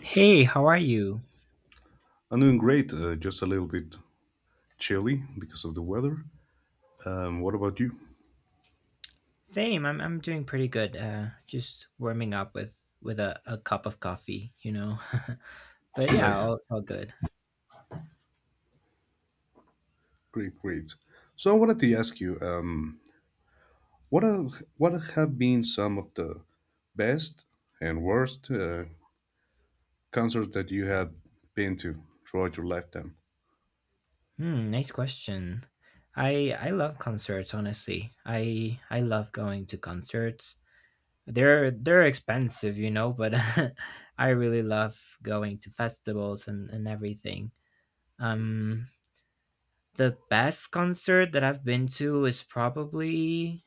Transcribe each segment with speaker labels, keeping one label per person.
Speaker 1: Hey, how are you?
Speaker 2: I'm doing great, just a little bit chilly because of the weather. What about you?
Speaker 1: Same, I'm doing pretty good. Just warming up with a cup of coffee. But yeah,
Speaker 2: Nice,
Speaker 1: it's all good.
Speaker 2: great. So I wanted to ask you, what have been some of the best and worst concerts that you have been to throughout your lifetime?
Speaker 1: Hmm, nice question. I love concerts, honestly. I love going to concerts. They're expensive, but I really love going to festivals and everything. Um the best concert that I've been to is probably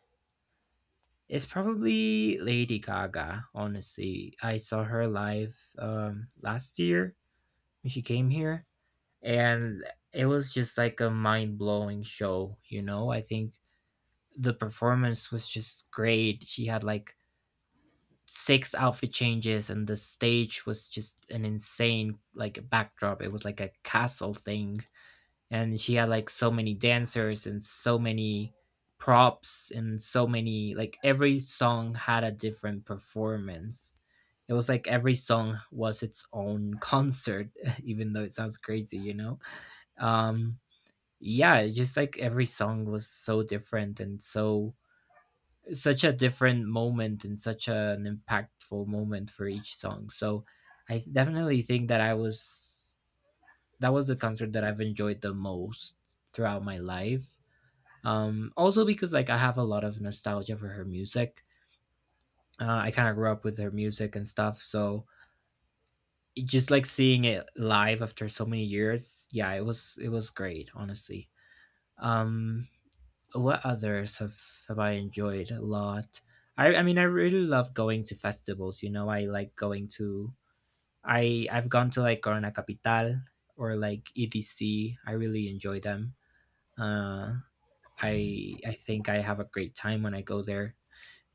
Speaker 1: It's probably Lady Gaga, honestly. I saw her live last year when she came here, and it was just like a mind-blowing show, you know? I think the performance was just great. She had, like, six outfit changes, and the stage was just an insane, like, backdrop. It was like a castle thing, and she had, like, so many dancers and so many props and so many, like, every song had a different performance. It was like every song was its own concert. Even though it sounds crazy. um yeah, it's just like every song was so different and so such a different moment and such an impactful moment for each song. So I definitely think that I was that was the concert that I've enjoyed the most throughout my life. Also, because, like, I have a lot of nostalgia for her music. I kind of grew up with her music and stuff, so just like seeing it live after so many years, yeah, it was great, honestly. Um, what others have I enjoyed a lot? I mean I really love going to festivals. You know, I I've gone to, like, Corona Capital or like EDC. I really enjoy them. Uh, I think I have a great time when I go there.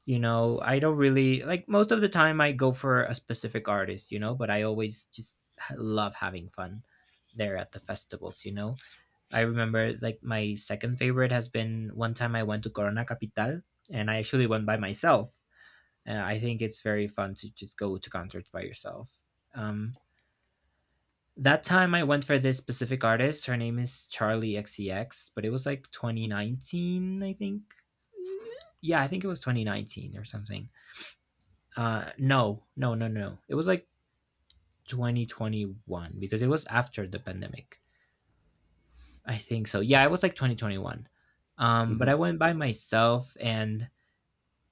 Speaker 1: You know, I don't really like most of the time I go for a specific artist, but I always just love having fun there at the festivals. I remember, like, my second favorite has been one time I went to Corona Capital, and I actually went by myself. I think it's very fun to just go to concerts by yourself. Um that time I went for this specific artist. Her name is Charlie XCX, but it was like 2019, I think. Yeah, I think it was 2019 or something. No, no, no, no, no. It was like 2021 because it was after the pandemic. I think so. Yeah, it was like 2021. But I
Speaker 2: Hmm
Speaker 1: went by myself, and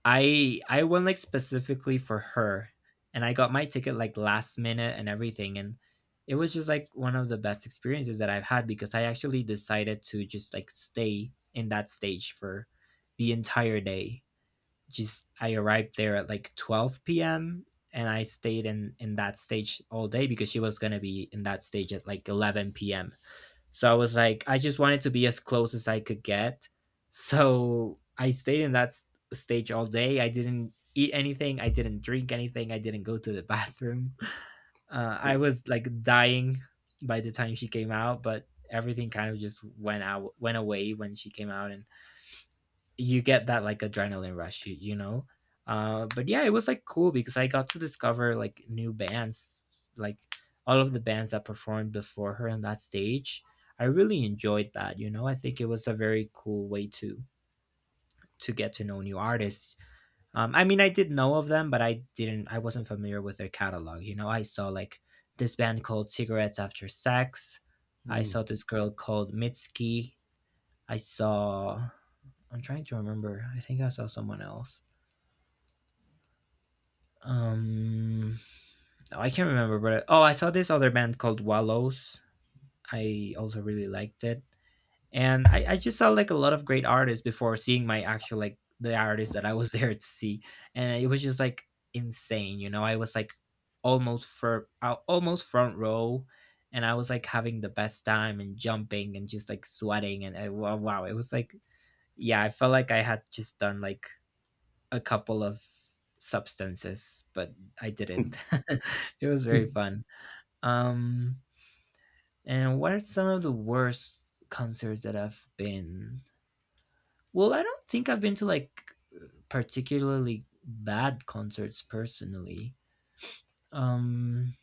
Speaker 1: I went, like, specifically for her, and I got my ticket, like, last minute and everything, and it was just, like, one of the best experiences that I've had because I actually decided to just, like, stay in that stage for the entire day. Just I arrived there at, like, 12 p.m., and I stayed in that stage all day because she was gonna be in that stage at, like, 11 PM. So I was like, I just wanted to be as close as I could get. So I stayed in that stage all day. I didn't eat anything. I didn't drink anything. I didn't go to the bathroom. I was, like, dying by the time she came out, but everything kind of just went out, went away when she came out, and you get that, like, adrenaline rush. But yeah, it was, like, cool because I got to discover, like, new bands, like all of the bands that performed before her on that stage. I really enjoyed that. I think it was a very cool way to get to know new artists. I mean, I did know of them, but I wasn't familiar with their catalog. I saw, like, this band called Cigarettes After Sex. I
Speaker 2: Mm.
Speaker 1: saw this girl called Mitski. i saw I'm trying to remember. I think I saw someone else. Um, oh, I can't remember, but oh, I saw this other band called Wallows. I also really liked it, and I just saw, like, a lot of great artists before seeing my actual, like, the artists that I was there to see, and it was just, like, insane. You know, I was, like, almost front row. And I was, like, having the best time and jumping and just, like, sweating, and I, wow, it was, like, yeah, I felt like I had just done, like, a couple of substances, but I didn't. It was very fun. Um, and what are some of the worst concerts that I've been? Well, I don't think I've been to, like, particularly bad concerts personally. Um,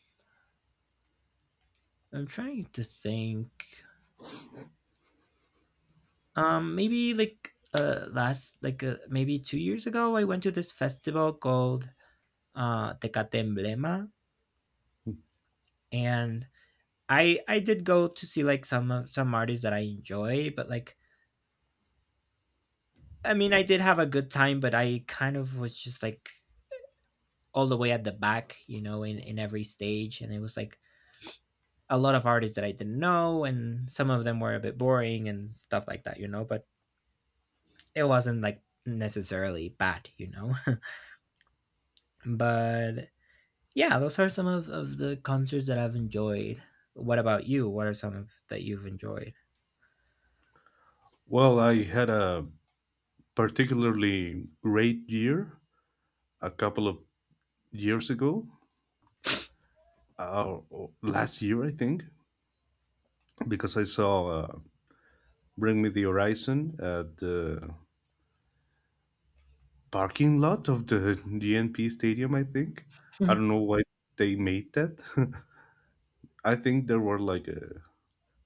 Speaker 1: I'm trying to think. Maybe, like, last, like, maybe 2 years ago, I went to this festival called Tecate Emblema, and I did go to see, like, some artists that I enjoy, but, like, I mean, I did have a good time, but I kind of was just, like, all the way at the back, you know, in every stage, and it was, like, a lot of artists that I didn't know, and some of them were a bit boring and stuff like that, you know. But it wasn't, like, necessarily bad, you know. But yeah, those are some of the concerts that I've enjoyed. What about you? What are some of that you've enjoyed?
Speaker 2: Well, I had a particularly great year a couple of years ago, or last year, I think, because I saw Bring Me the Horizon at the parking lot of the GNP Stadium, I think. I don't know why they made that. I think there were like a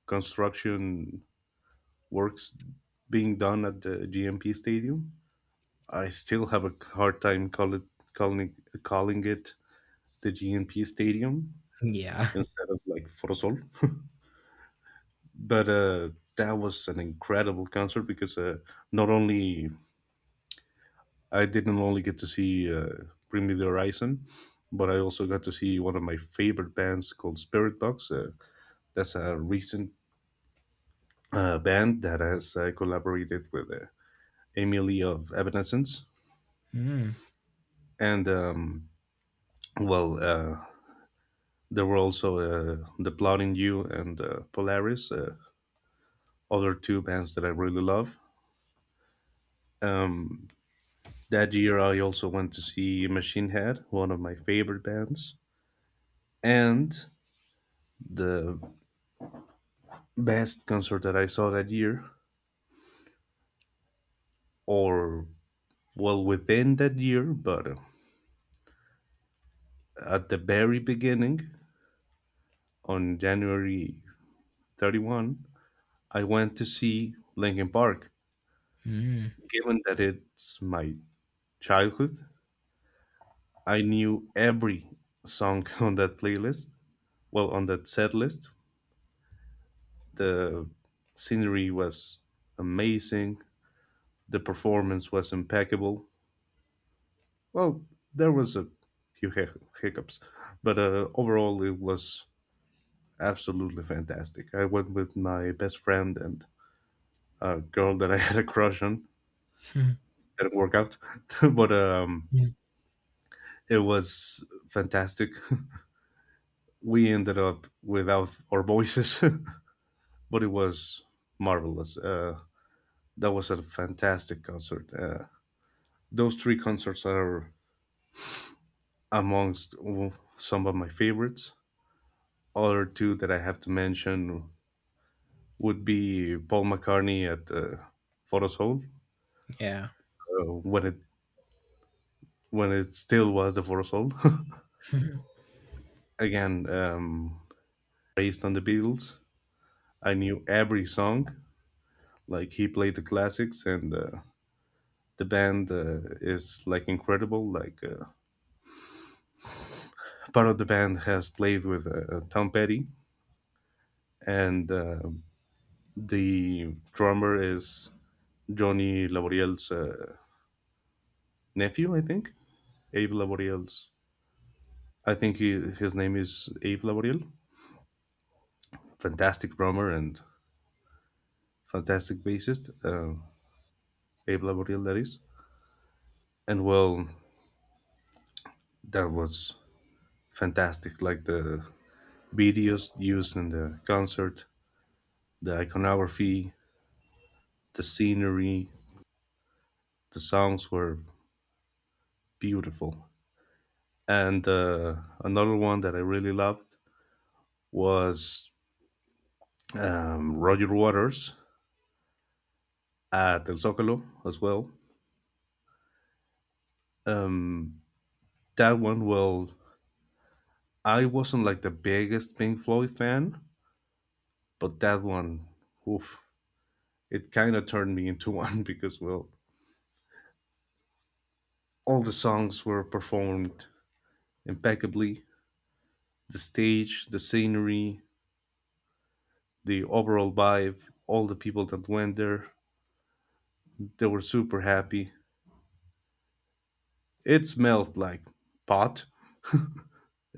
Speaker 2: construction works being done at the GNP Stadium. I still have a hard time calling calling it the GNP Stadium
Speaker 1: Yeah.
Speaker 2: instead of like Forosol. But That was an incredible concert because not only I didn't only get to see Bring Me the Horizon, but I also got to see one of my favorite bands called Spirit Box. That's a recent band that has collaborated with Emily of Evanescence.
Speaker 1: Mm,
Speaker 2: And, um, well, uh, there were also The Plotting You and Polaris, other two bands that I really love. Um, that year, I also went to see Machine Head, one of my favorite bands. And the best concert that I saw that year, or within that year, but at the very beginning on January 31, I went to see Linkin Park.
Speaker 1: mm,
Speaker 2: Given that it's my childhood, I knew every song on that playlist, well, on that set list. The scenery was amazing, the performance was impeccable. Well, there was a few hiccups, but overall, it was absolutely fantastic. I went with my best friend and a girl that I had a crush on. Didn't work out, but
Speaker 1: mm.
Speaker 2: it was fantastic. We ended up without our voices, but it was marvelous. That was a fantastic concert. Those three concerts are amongst some of my favorites. Other two that I have to mention would be Paul McCartney at Photos Hole
Speaker 1: Yeah.
Speaker 2: uh, when it when it still was the four soul. Again, based on the Beatles, I knew every song. Like he played the classics, and the band is like incredible. Part of the band has played with Tom Petty, and the drummer is Johnny Laboriel's nephew, I think. Abe Laboriel's. I think his name is Abe Laboriel. Fantastic drummer and fantastic bassist. Abe Laboriel, that is. And well, that was fantastic. Like the videos used in the concert, the iconography, the scenery, the songs were beautiful. And Another one that I really loved was Roger Waters at El Zocalo as well. That one, well, I wasn't like the biggest Pink Floyd fan, but that one, oof, it kind of turned me into one because, well, all the songs were performed impeccably. The stage, the scenery, the overall vibe, all the people that went there, they were super happy. It smelled like pot.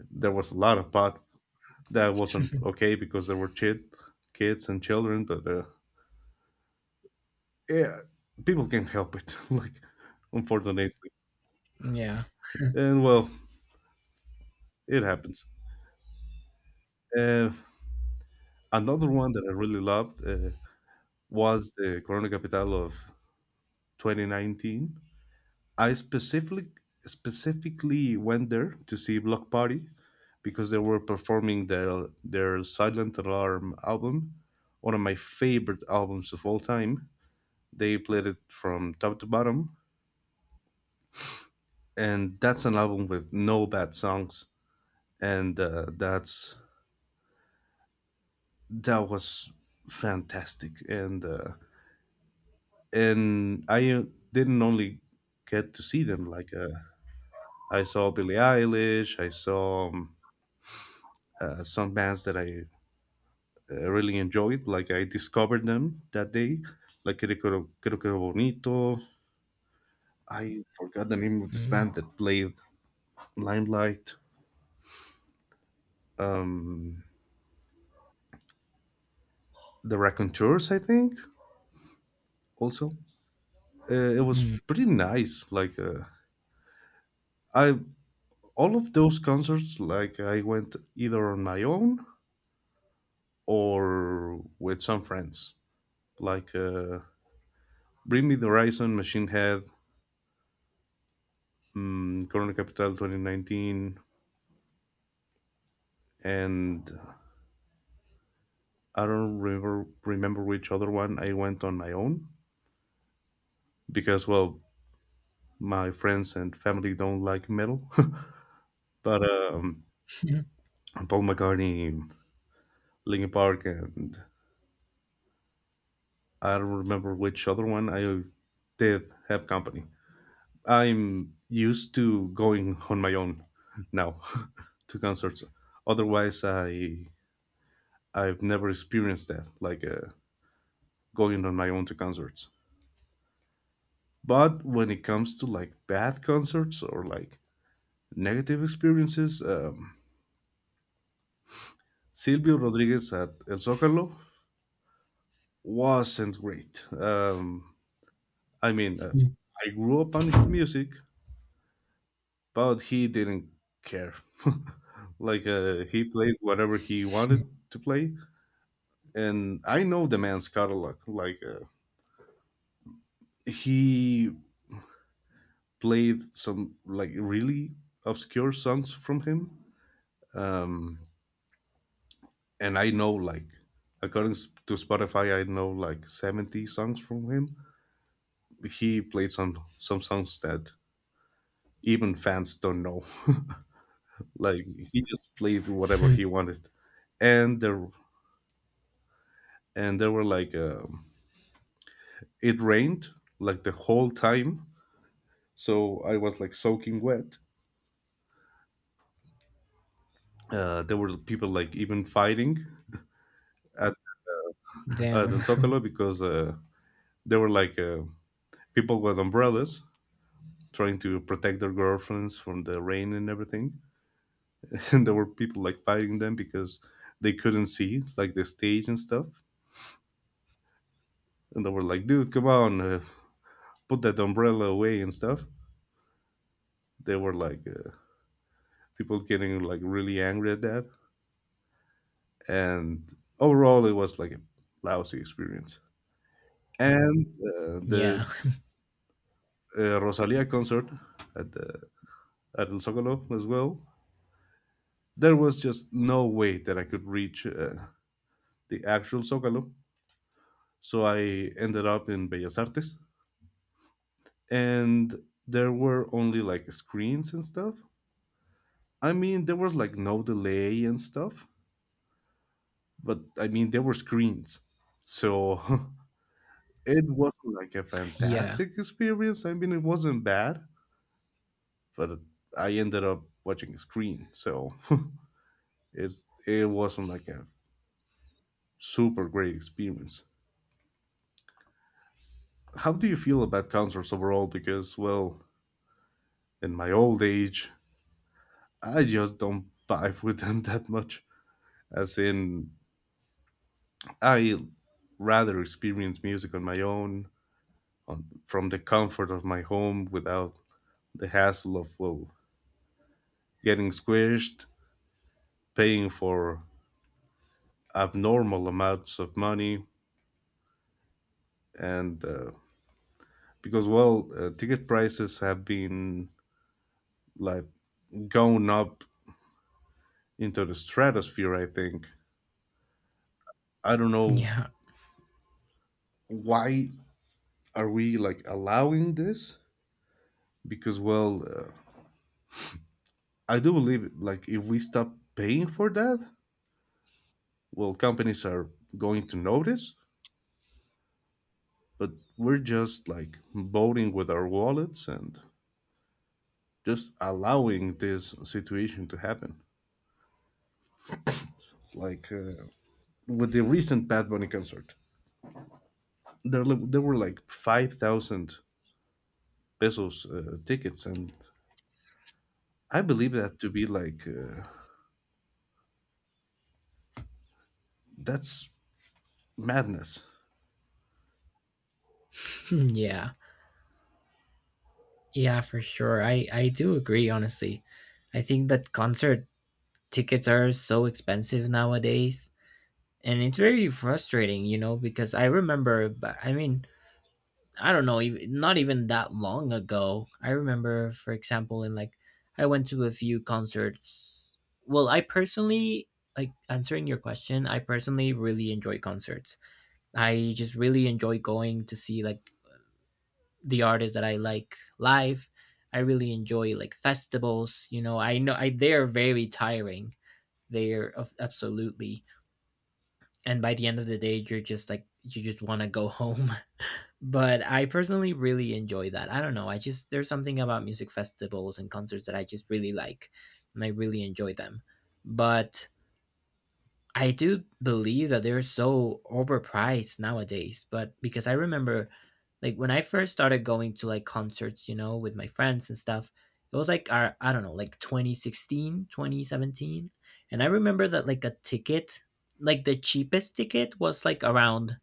Speaker 2: There was a lot of pot. That wasn't okay because there were kids and children, but yeah, people can't help it. Like, unfortunately,
Speaker 1: Mm-hmm. Yeah.
Speaker 2: and well, it happens. Uh, another one that I really loved was the Corona Capital of 2019. I specifically went there to see Block Party because they were performing their Silent Alarm album, one of my favorite albums of all time. They played it from top to bottom, and that's an album with no bad songs, and that's that was fantastic. And I didn't only get to see them I saw Billie Eilish, I saw some bands that I really enjoyed. Like I discovered them that day. Like Creo Bonito. I forgot the name of this band
Speaker 1: Mm,
Speaker 2: that played Limelight. Um, the Raconteurs, I think. Also, it was
Speaker 1: mm,
Speaker 2: pretty nice. I All of those concerts, like I went either on my own or with some friends. Like uh, Bring Me the Horizon, Machine Head, Corona Capital 2019, and I don't remember which other one I went on my own because well my friends and family don't like metal but
Speaker 1: mm,
Speaker 2: Paul McCartney, Linkin Park, and I don't remember which other one I did have company. I'm used to going on my own now to concerts otherwise I've never experienced that, going on my own to concerts. But when it comes to like bad concerts or like negative experiences. Silvio Rodriguez at El Zócalo wasn't great. I mean, uh,
Speaker 1: mm,
Speaker 2: I grew up on his music, but he didn't care. He played whatever he
Speaker 1: mm,
Speaker 2: wanted to play, and I know the man's catalog. He played some like really obscure songs from him, um, and I know like according to Spotify, I know like 70 songs from him. He played some songs that even fans don't know. Like he just played whatever he
Speaker 1: mm.
Speaker 2: wanted, and there were like it rained like the whole time, so I was like soaking wet. There were people like even fighting at at
Speaker 1: Damn.
Speaker 2: El Zócalo because there were like people with umbrellas trying to protect their girlfriends from the rain and everything, and there were people like fighting them because they couldn't see like the stage and stuff, and they were like, "Dude, come on, put that umbrella away and stuff." They were people getting like really angry at that, and overall, it was like a lousy experience. And
Speaker 1: Yeah.
Speaker 2: the Rosalia concert at the at El Zócalo as well. There was just no way that I could reach the actual Zócalo, so I ended up in Bellas Artes, and there were only like screens and stuff. I mean, there was like no delay and stuff, but I mean, there were screens. So it wasn't like a
Speaker 1: Yeah.
Speaker 2: fantastic experience. I mean, it wasn't bad, but I ended up watching a screen. So it wasn't like a super great experience. How do you feel about concerts overall? Because, well, in my old age, I just don't vibe with them that much. As in, I rather experience music on my own, from the comfort of my home without the hassle of well getting squished, paying for abnormal amounts of money, and because well, ticket prices have been like going up into the stratosphere. I think I don't know
Speaker 1: Yeah.
Speaker 2: why are we like allowing this because well, I do believe like if we stop paying for that, well, companies are going to notice. But we're just like voting with our wallets and just allowing this situation to happen. Like uh, with the recent Bad Bunny concert, there were like 5,000 pesos tickets, and I believe that to be that's madness.
Speaker 1: Yeah. Yeah, for sure. I do agree, honestly. I think that concert tickets are so expensive nowadays, and it's very frustrating, you know, because I remember I mean, I don't know, not even that long ago. I remember, for example, in like I went to a few concerts. Well, I personally, like, answering your question, I personally really enjoy concerts. I just really enjoy going to see, like, the artists that I like live. I really enjoy, like, festivals. You know, I know, I they're very tiring. They're of absolutely, and by the end of the day, you're just like you just want to go home, but I personally really enjoy that. I don't know. I just There's something about music festivals and concerts that I just really like, and I really enjoy them. But I do believe that they're so overpriced nowadays, but because I remember, like, when I first started going to, like, concerts, you know, with my friends and stuff, it was, like, our I don't know, like 2016, 2017. And I remember that, like, the cheapest ticket was, like, around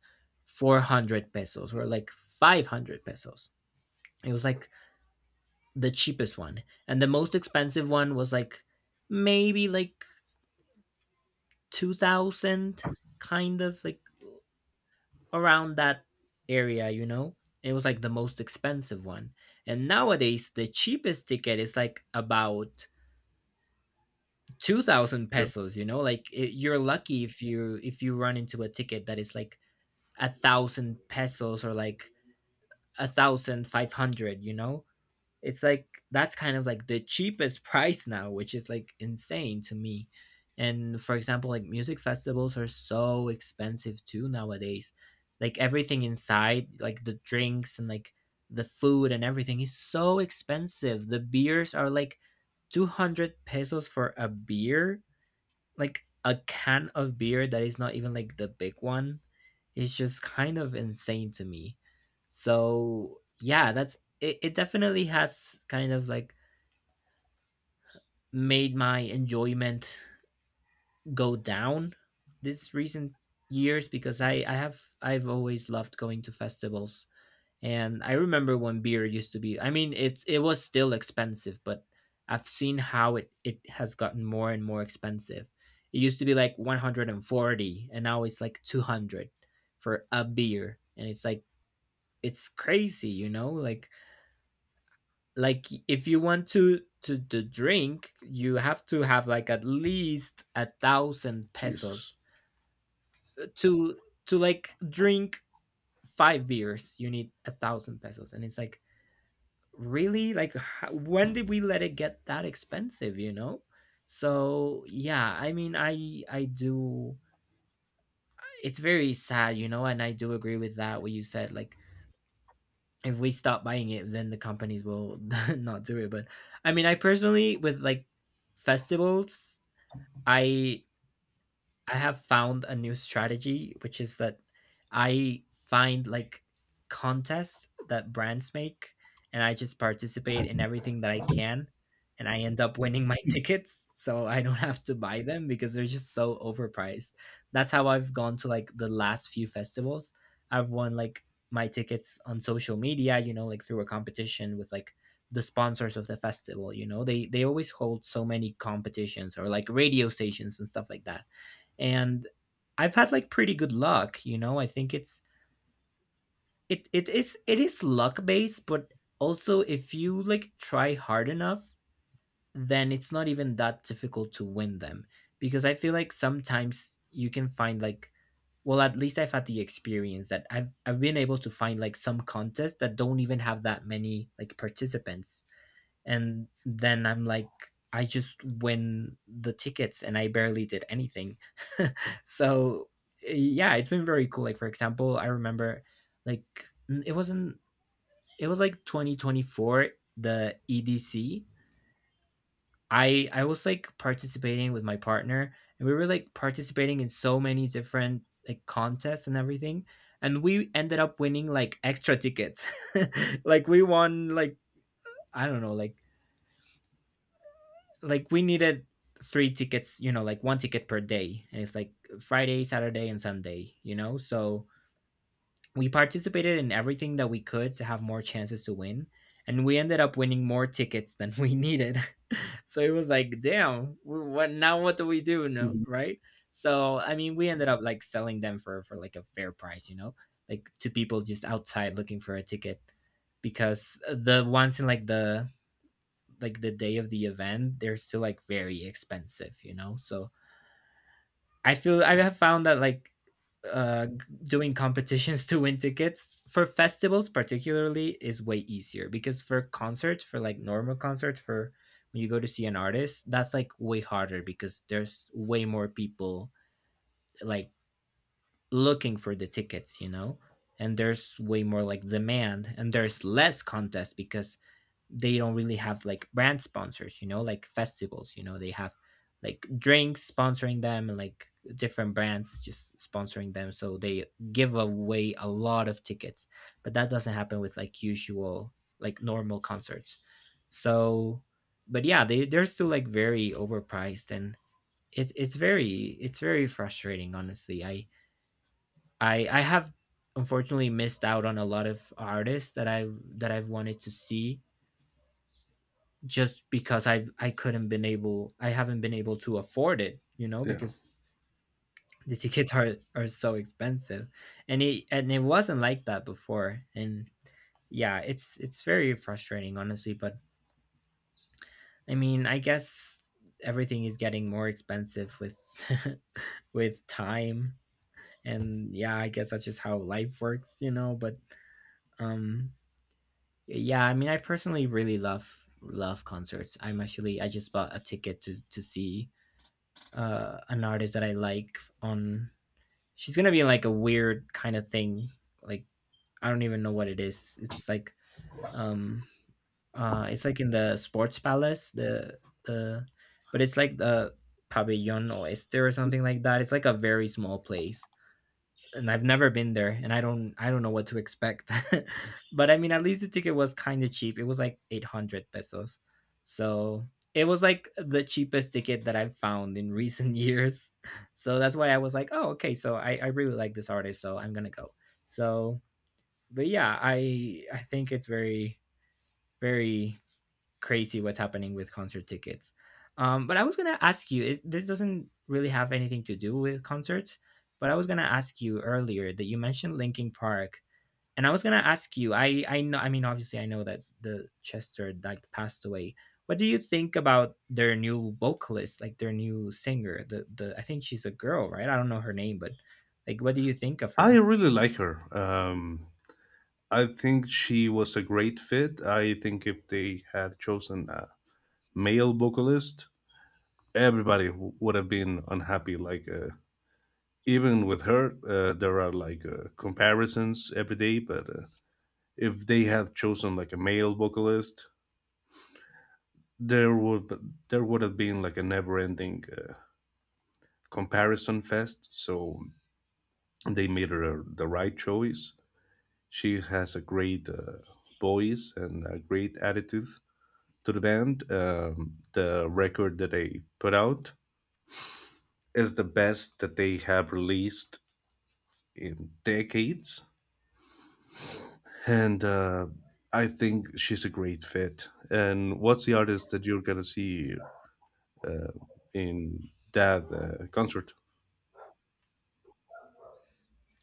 Speaker 1: 400 pesos or like 500 pesos. It was, like, the cheapest one. And the most expensive one was, like, maybe, like, 2000, kind of, like, around that area, you know? It was, like, the most expensive one. And nowadays, the cheapest ticket is, like, about 2000
Speaker 2: Yeah.
Speaker 1: pesos, you know? You're lucky if you run into a ticket that is, like, 1,000 pesos or like 1,500, you know? It's like that's kind of, like, the cheapest price now, which is, like, insane to me. And for example, like, music festivals are so expensive too nowadays. Like, everything inside, like the drinks and like the food and everything, is so expensive. The beers are, like, 200 pesos for a beer, like a can of beer that is not even, like, the big one, is just kind of insane to me. So yeah, it definitely has kind of, like, made my enjoyment go down this recent years because I've always loved going to festivals, and I remember when beer used to be, I mean, it was still expensive, but I've seen how it has gotten more and more expensive. It used to be like 140 and 40, and now it's like 200 for a beer, and it's, like, it's crazy, you know? Like, if you want to drink, you have to have, like, at least a thousand
Speaker 2: Jesus.
Speaker 1: pesos to to like drink five beers. You need 1,000 pesos, and it's, like, really, like, when did we let it get that expensive? So yeah, I mean, I do. It's very sad. And I do agree with that what you said, like, if we stop buying it, then the companies will not do it. But I mean, I personally, with, like, festivals, i I have found a new strategy, which is that I find, like, contests that brands make, and I just participate in everything that I can, and I end up winning my tickets, so I don't have to buy them because they're just so overpriced. That's how I've gone to like the last few festivals. I've won like my tickets on social media, you know, like through a competition with like the sponsors of the festival, you know. They always hold so many competitions or like radio stations and stuff like that and I've had like pretty good luck, you know. I think it is luck based, but also if you like try hard enough, then it's not even that difficult to win them because I feel like sometimes you can find like well, at least I've had the experience that I've been able to find like some contests that don't even have that many like participants, and then I'm like I just win the tickets and I barely did anything so yeah, it's been very cool. Like for example, I remember like it wasn't, it was like 2024, the EDC. I was like participating with my partner, and we were like participating in so many different like contests and everything, and we ended up winning like extra tickets. Like we won like I don't know, like we needed three tickets, you know, like one ticket per day. And it's like Friday, Saturday, and Sunday, you know? So we participated in everything that we could to have more chances to win. And we ended up winning more tickets than we needed. So it was like, damn, what now, what do we do? No,
Speaker 2: Mhm.
Speaker 1: right? So I mean, we ended up like selling them for like a fair price, you know? Like to people just outside looking for a ticket, because the ones in like the day of the event, they're still like very expensive, you know? So I feel I have found that like uh g- doing competitions to win tickets for festivals particularly is way easier, because for concerts, for like normal concerts, for when you go to see an artist, that's like way harder because there's way more people like looking for the tickets, you know. And there's way more like demand and there's less contest, because they don't really have like brand sponsors, you know, like festivals, you know, they have like drinks sponsoring them and like different brands just sponsoring them. So they give away a lot of tickets, but that doesn't happen with like usual, like normal concerts. So, but yeah, they, they're still like very overpriced and it's very frustrating. Honestly, I have unfortunately missed out on a lot of artists that that I've wanted to see, just because I haven't been able to afford it, you know,
Speaker 2: Yeah,
Speaker 1: because the tickets are so expensive. And it wasn't like that before. And yeah, it's very frustrating honestly, but I mean, I guess everything is getting more expensive with with time. And yeah, I guess that's just how life works, you know, but um yeah, I mean, I personally really love concerts. I just bought a ticket to see an artist that I like on. She's gonna be like a weird kind of thing. Like I don't even know what it is. Um it's like in the sports palace, the but it's like the pabellon oeste or something like that. It's like a very small place, and I've never been there, and I don't know what to expect. But I mean, at least the ticket was kind of cheap. It was like 800 pesos. So, it was like the cheapest ticket that I've found in recent years. So that's why I was like, "Oh, okay, so I really like this artist, so I'm going to go." So, but yeah, I think it's very very crazy what's happening with concert tickets. But I was gonna ask you. It, this doesn't really have anything to do with concerts, but I was gonna ask you earlier that you mentioned Linkin Park, and I was gonna ask you. I know. I mean, obviously, I know that the Chester like passed away. What do you think about their new vocalist, like their new singer? The I think she's a girl, right? I don't know her name, but like, what do you think of
Speaker 2: I
Speaker 1: her?
Speaker 2: really like her. I think she was a great fit. I think if they had chosen a male vocalist, everybody would have been unhappy. Even with her, there are comparisons every day. But if they had chosen like a male vocalist, there would there would have been like a never-ending comparison fest. So they made her the right choice. She has a great voice and a great attitude to the band. The record that they put out is the best that they have released in decades, and I think she's a great fit. And what's the artist that you're gonna see uh, in that concert?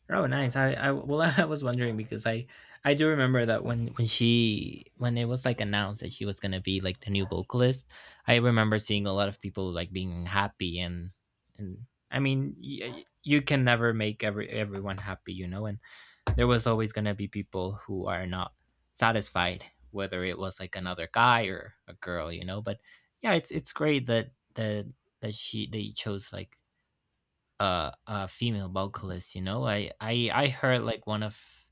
Speaker 1: Oh, nice. I well, I was wondering because I do remember that when she when it was like announced that she was gonna be like the new vocalist, I remember seeing a lot of people like being happy, and I mean you can never make everyone happy, you know, and there was always gonna be people who are not satisfied, whether it was like another guy or a girl, you know. But yeah, it's great that that she, they chose like female vocalist, you know. I heard like one of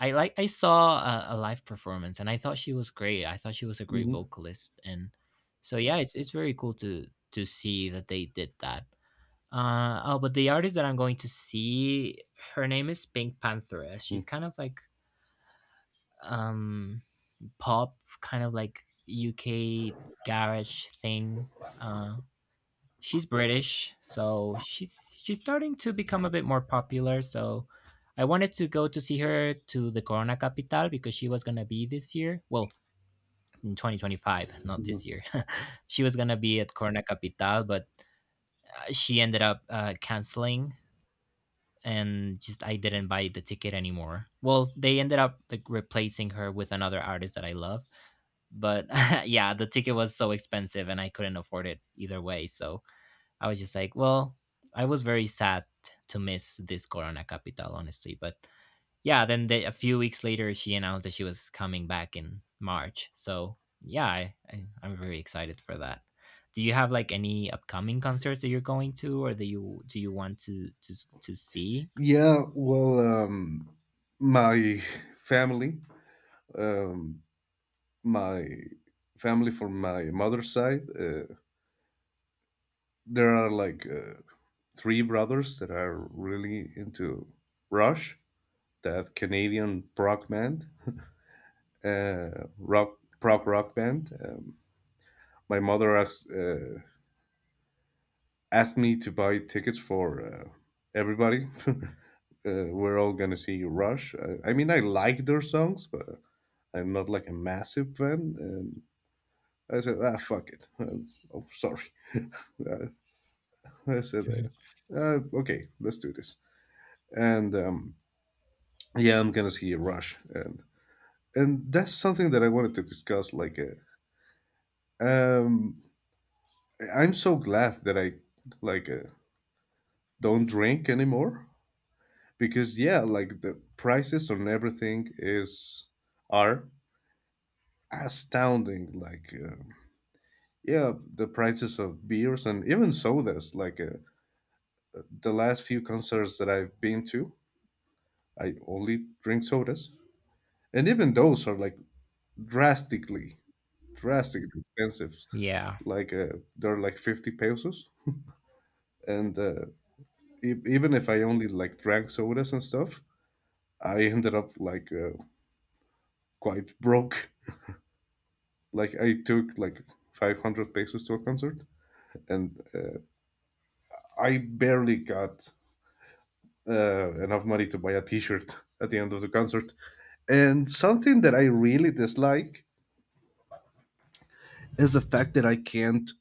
Speaker 1: I saw a live performance, and I thought she was great. I thought she was a great
Speaker 2: Hmm
Speaker 1: vocalist. And so yeah, it's very cool to see that they did that. Oh, but the artist that I'm going to see, her name is Pink Panther.
Speaker 2: hmm
Speaker 1: She's kind of like um pop, kind of like UK garage thing. uh she's British, so she's starting to become a bit more popular. So I wanted to go to see her to the Corona Capital, because she was gonna be this year. Well, in 2025, not this year. She was gonna be at Corona Capital, but she ended up canceling, and just I didn't buy the ticket anymore. Well, they ended up like replacing her with another artist that I love, but yeah, the ticket was so expensive, and I couldn't afford it either way. So I was just like, well, I was very sad to miss this Corona Capital, honestly. But yeah, then the, a few weeks later, she announced that she was coming back in March. So yeah, I'm very excited for that. Do you have like any upcoming concerts that you're going to, or that you do you want to see?
Speaker 2: Yeah, well, my family, um, my family from my mother's side, there are three brothers that are really into Rush, that Canadian prog band, rock prog rock band. My mother asked me to buy tickets for everybody. We're all gonna see Rush. I mean, I like their songs, but I'm not like a massive fan. And I said, ah, fuck it. Oh, sorry. Uh, I said,
Speaker 1: Mhm.
Speaker 2: okay, let's do this. And yeah, I'm gonna see Rush, and that's something that I wanted to discuss. Um, I'm so glad that I like don't drink anymore because yeah like the prices on everything is are astounding yeah the prices of beers and even sodas the last few concerts that I've been to I only drink sodas, and even those are like drastically drastically expensive
Speaker 1: Yeah,
Speaker 2: like uh, they're like 50 pesos, and even if I only like drank sodas and stuff I ended up quite broke. Like I took like 500 pesos to a concert, and I barely got enough money to buy a t-shirt at the end of the concert. And something that I really dislike is the fact that I can't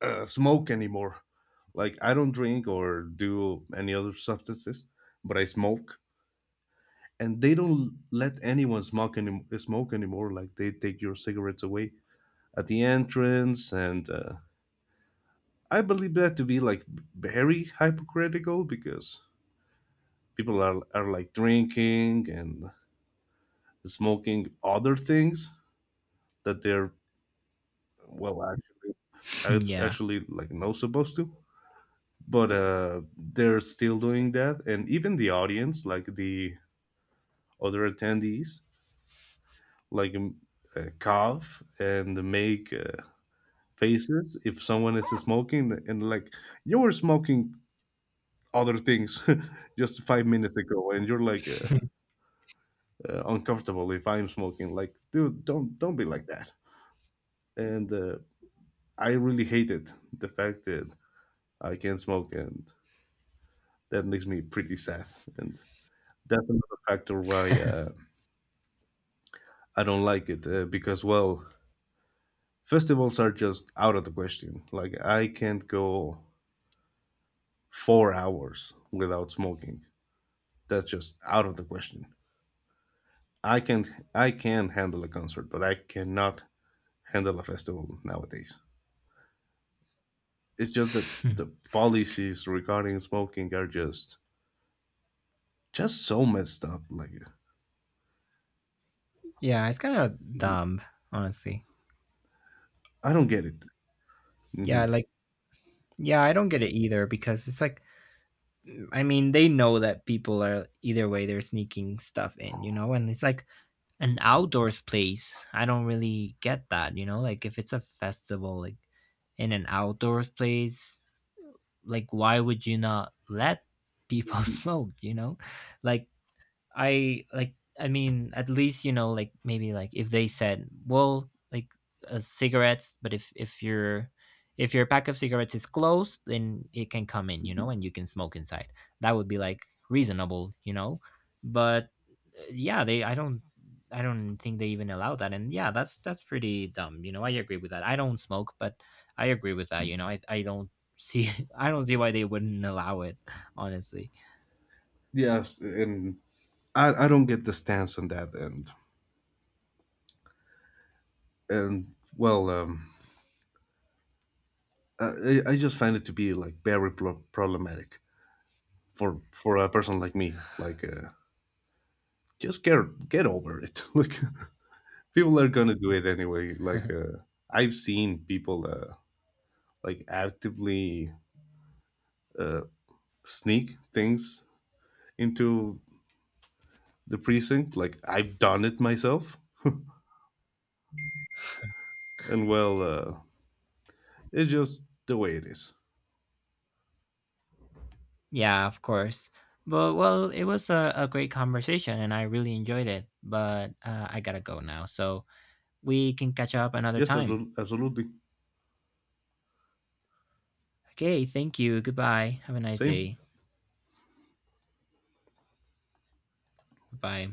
Speaker 2: smoke anymore. Like I don't drink or do any other substances, but I smoke, and they don't let anyone smoke, smoke anymore. Like they take your cigarettes away at the entrance, and I believe that to be like very hypocritical because are like drinking and smoking other things that they're well actually it's
Speaker 1: yeah,
Speaker 2: actually like not supposed to, but they're still doing that. And even the audience, like the other attendees, like um, cough and make faces if someone is smoking, and like you were smoking other things just 5 minutes ago and you're like uncomfortable if I'm smoking. Like, dude, don't be like that. And I really hated the fact that I can't smoke, and that makes me pretty sad. And that's another factor why I don't like it because well, festivals are just out of the question. Like, I can't go 4 hours without smoking. That's just out of the question. I can I can handle a concert, but I cannot handle a festival nowadays. It's just that the policies regarding smoking are just so messed up. Like
Speaker 1: yeah. It's kind of dumb, honestly.
Speaker 2: I don't get it. Hmm
Speaker 1: Yeah, like yeah, I don't get it either because it's like I mean, they know that people are either way, they're sneaking stuff in, you know, and it's like an outdoors place. I don't really get that, you know, like if it's a festival, like in an outdoors place, like why would you not let people smoke, you know? Like like I mean at least you know like maybe like if they said well like cigarettes, but if your pack of cigarettes is closed then it can come in, you know, and you can smoke inside, that would be like reasonable, you know. But yeah, they, I don't think they even allow that. And yeah, that's pretty dumb, you know. I agree with that. I don't smoke, but I agree with that, you know. I don't see I don't see why they wouldn't allow it, honestly.
Speaker 2: Yeah, and I don't get the stance on that end. And well, I just find it to be like very problematic for a person like me. Just get over it. Like, people are gonna do it anyway. I've seen people like actively uh, sneak things into the precinct. Like I've done it myself, and well, it's just the way it is.
Speaker 1: Yeah, of course. But well, it was a great conversation and I really enjoyed it. But I gotta go now. So we can catch up another
Speaker 2: Yes,
Speaker 1: time.
Speaker 2: absolutely,
Speaker 1: Okay, thank you. Goodbye. Have a nice
Speaker 2: same.
Speaker 1: day. Bye.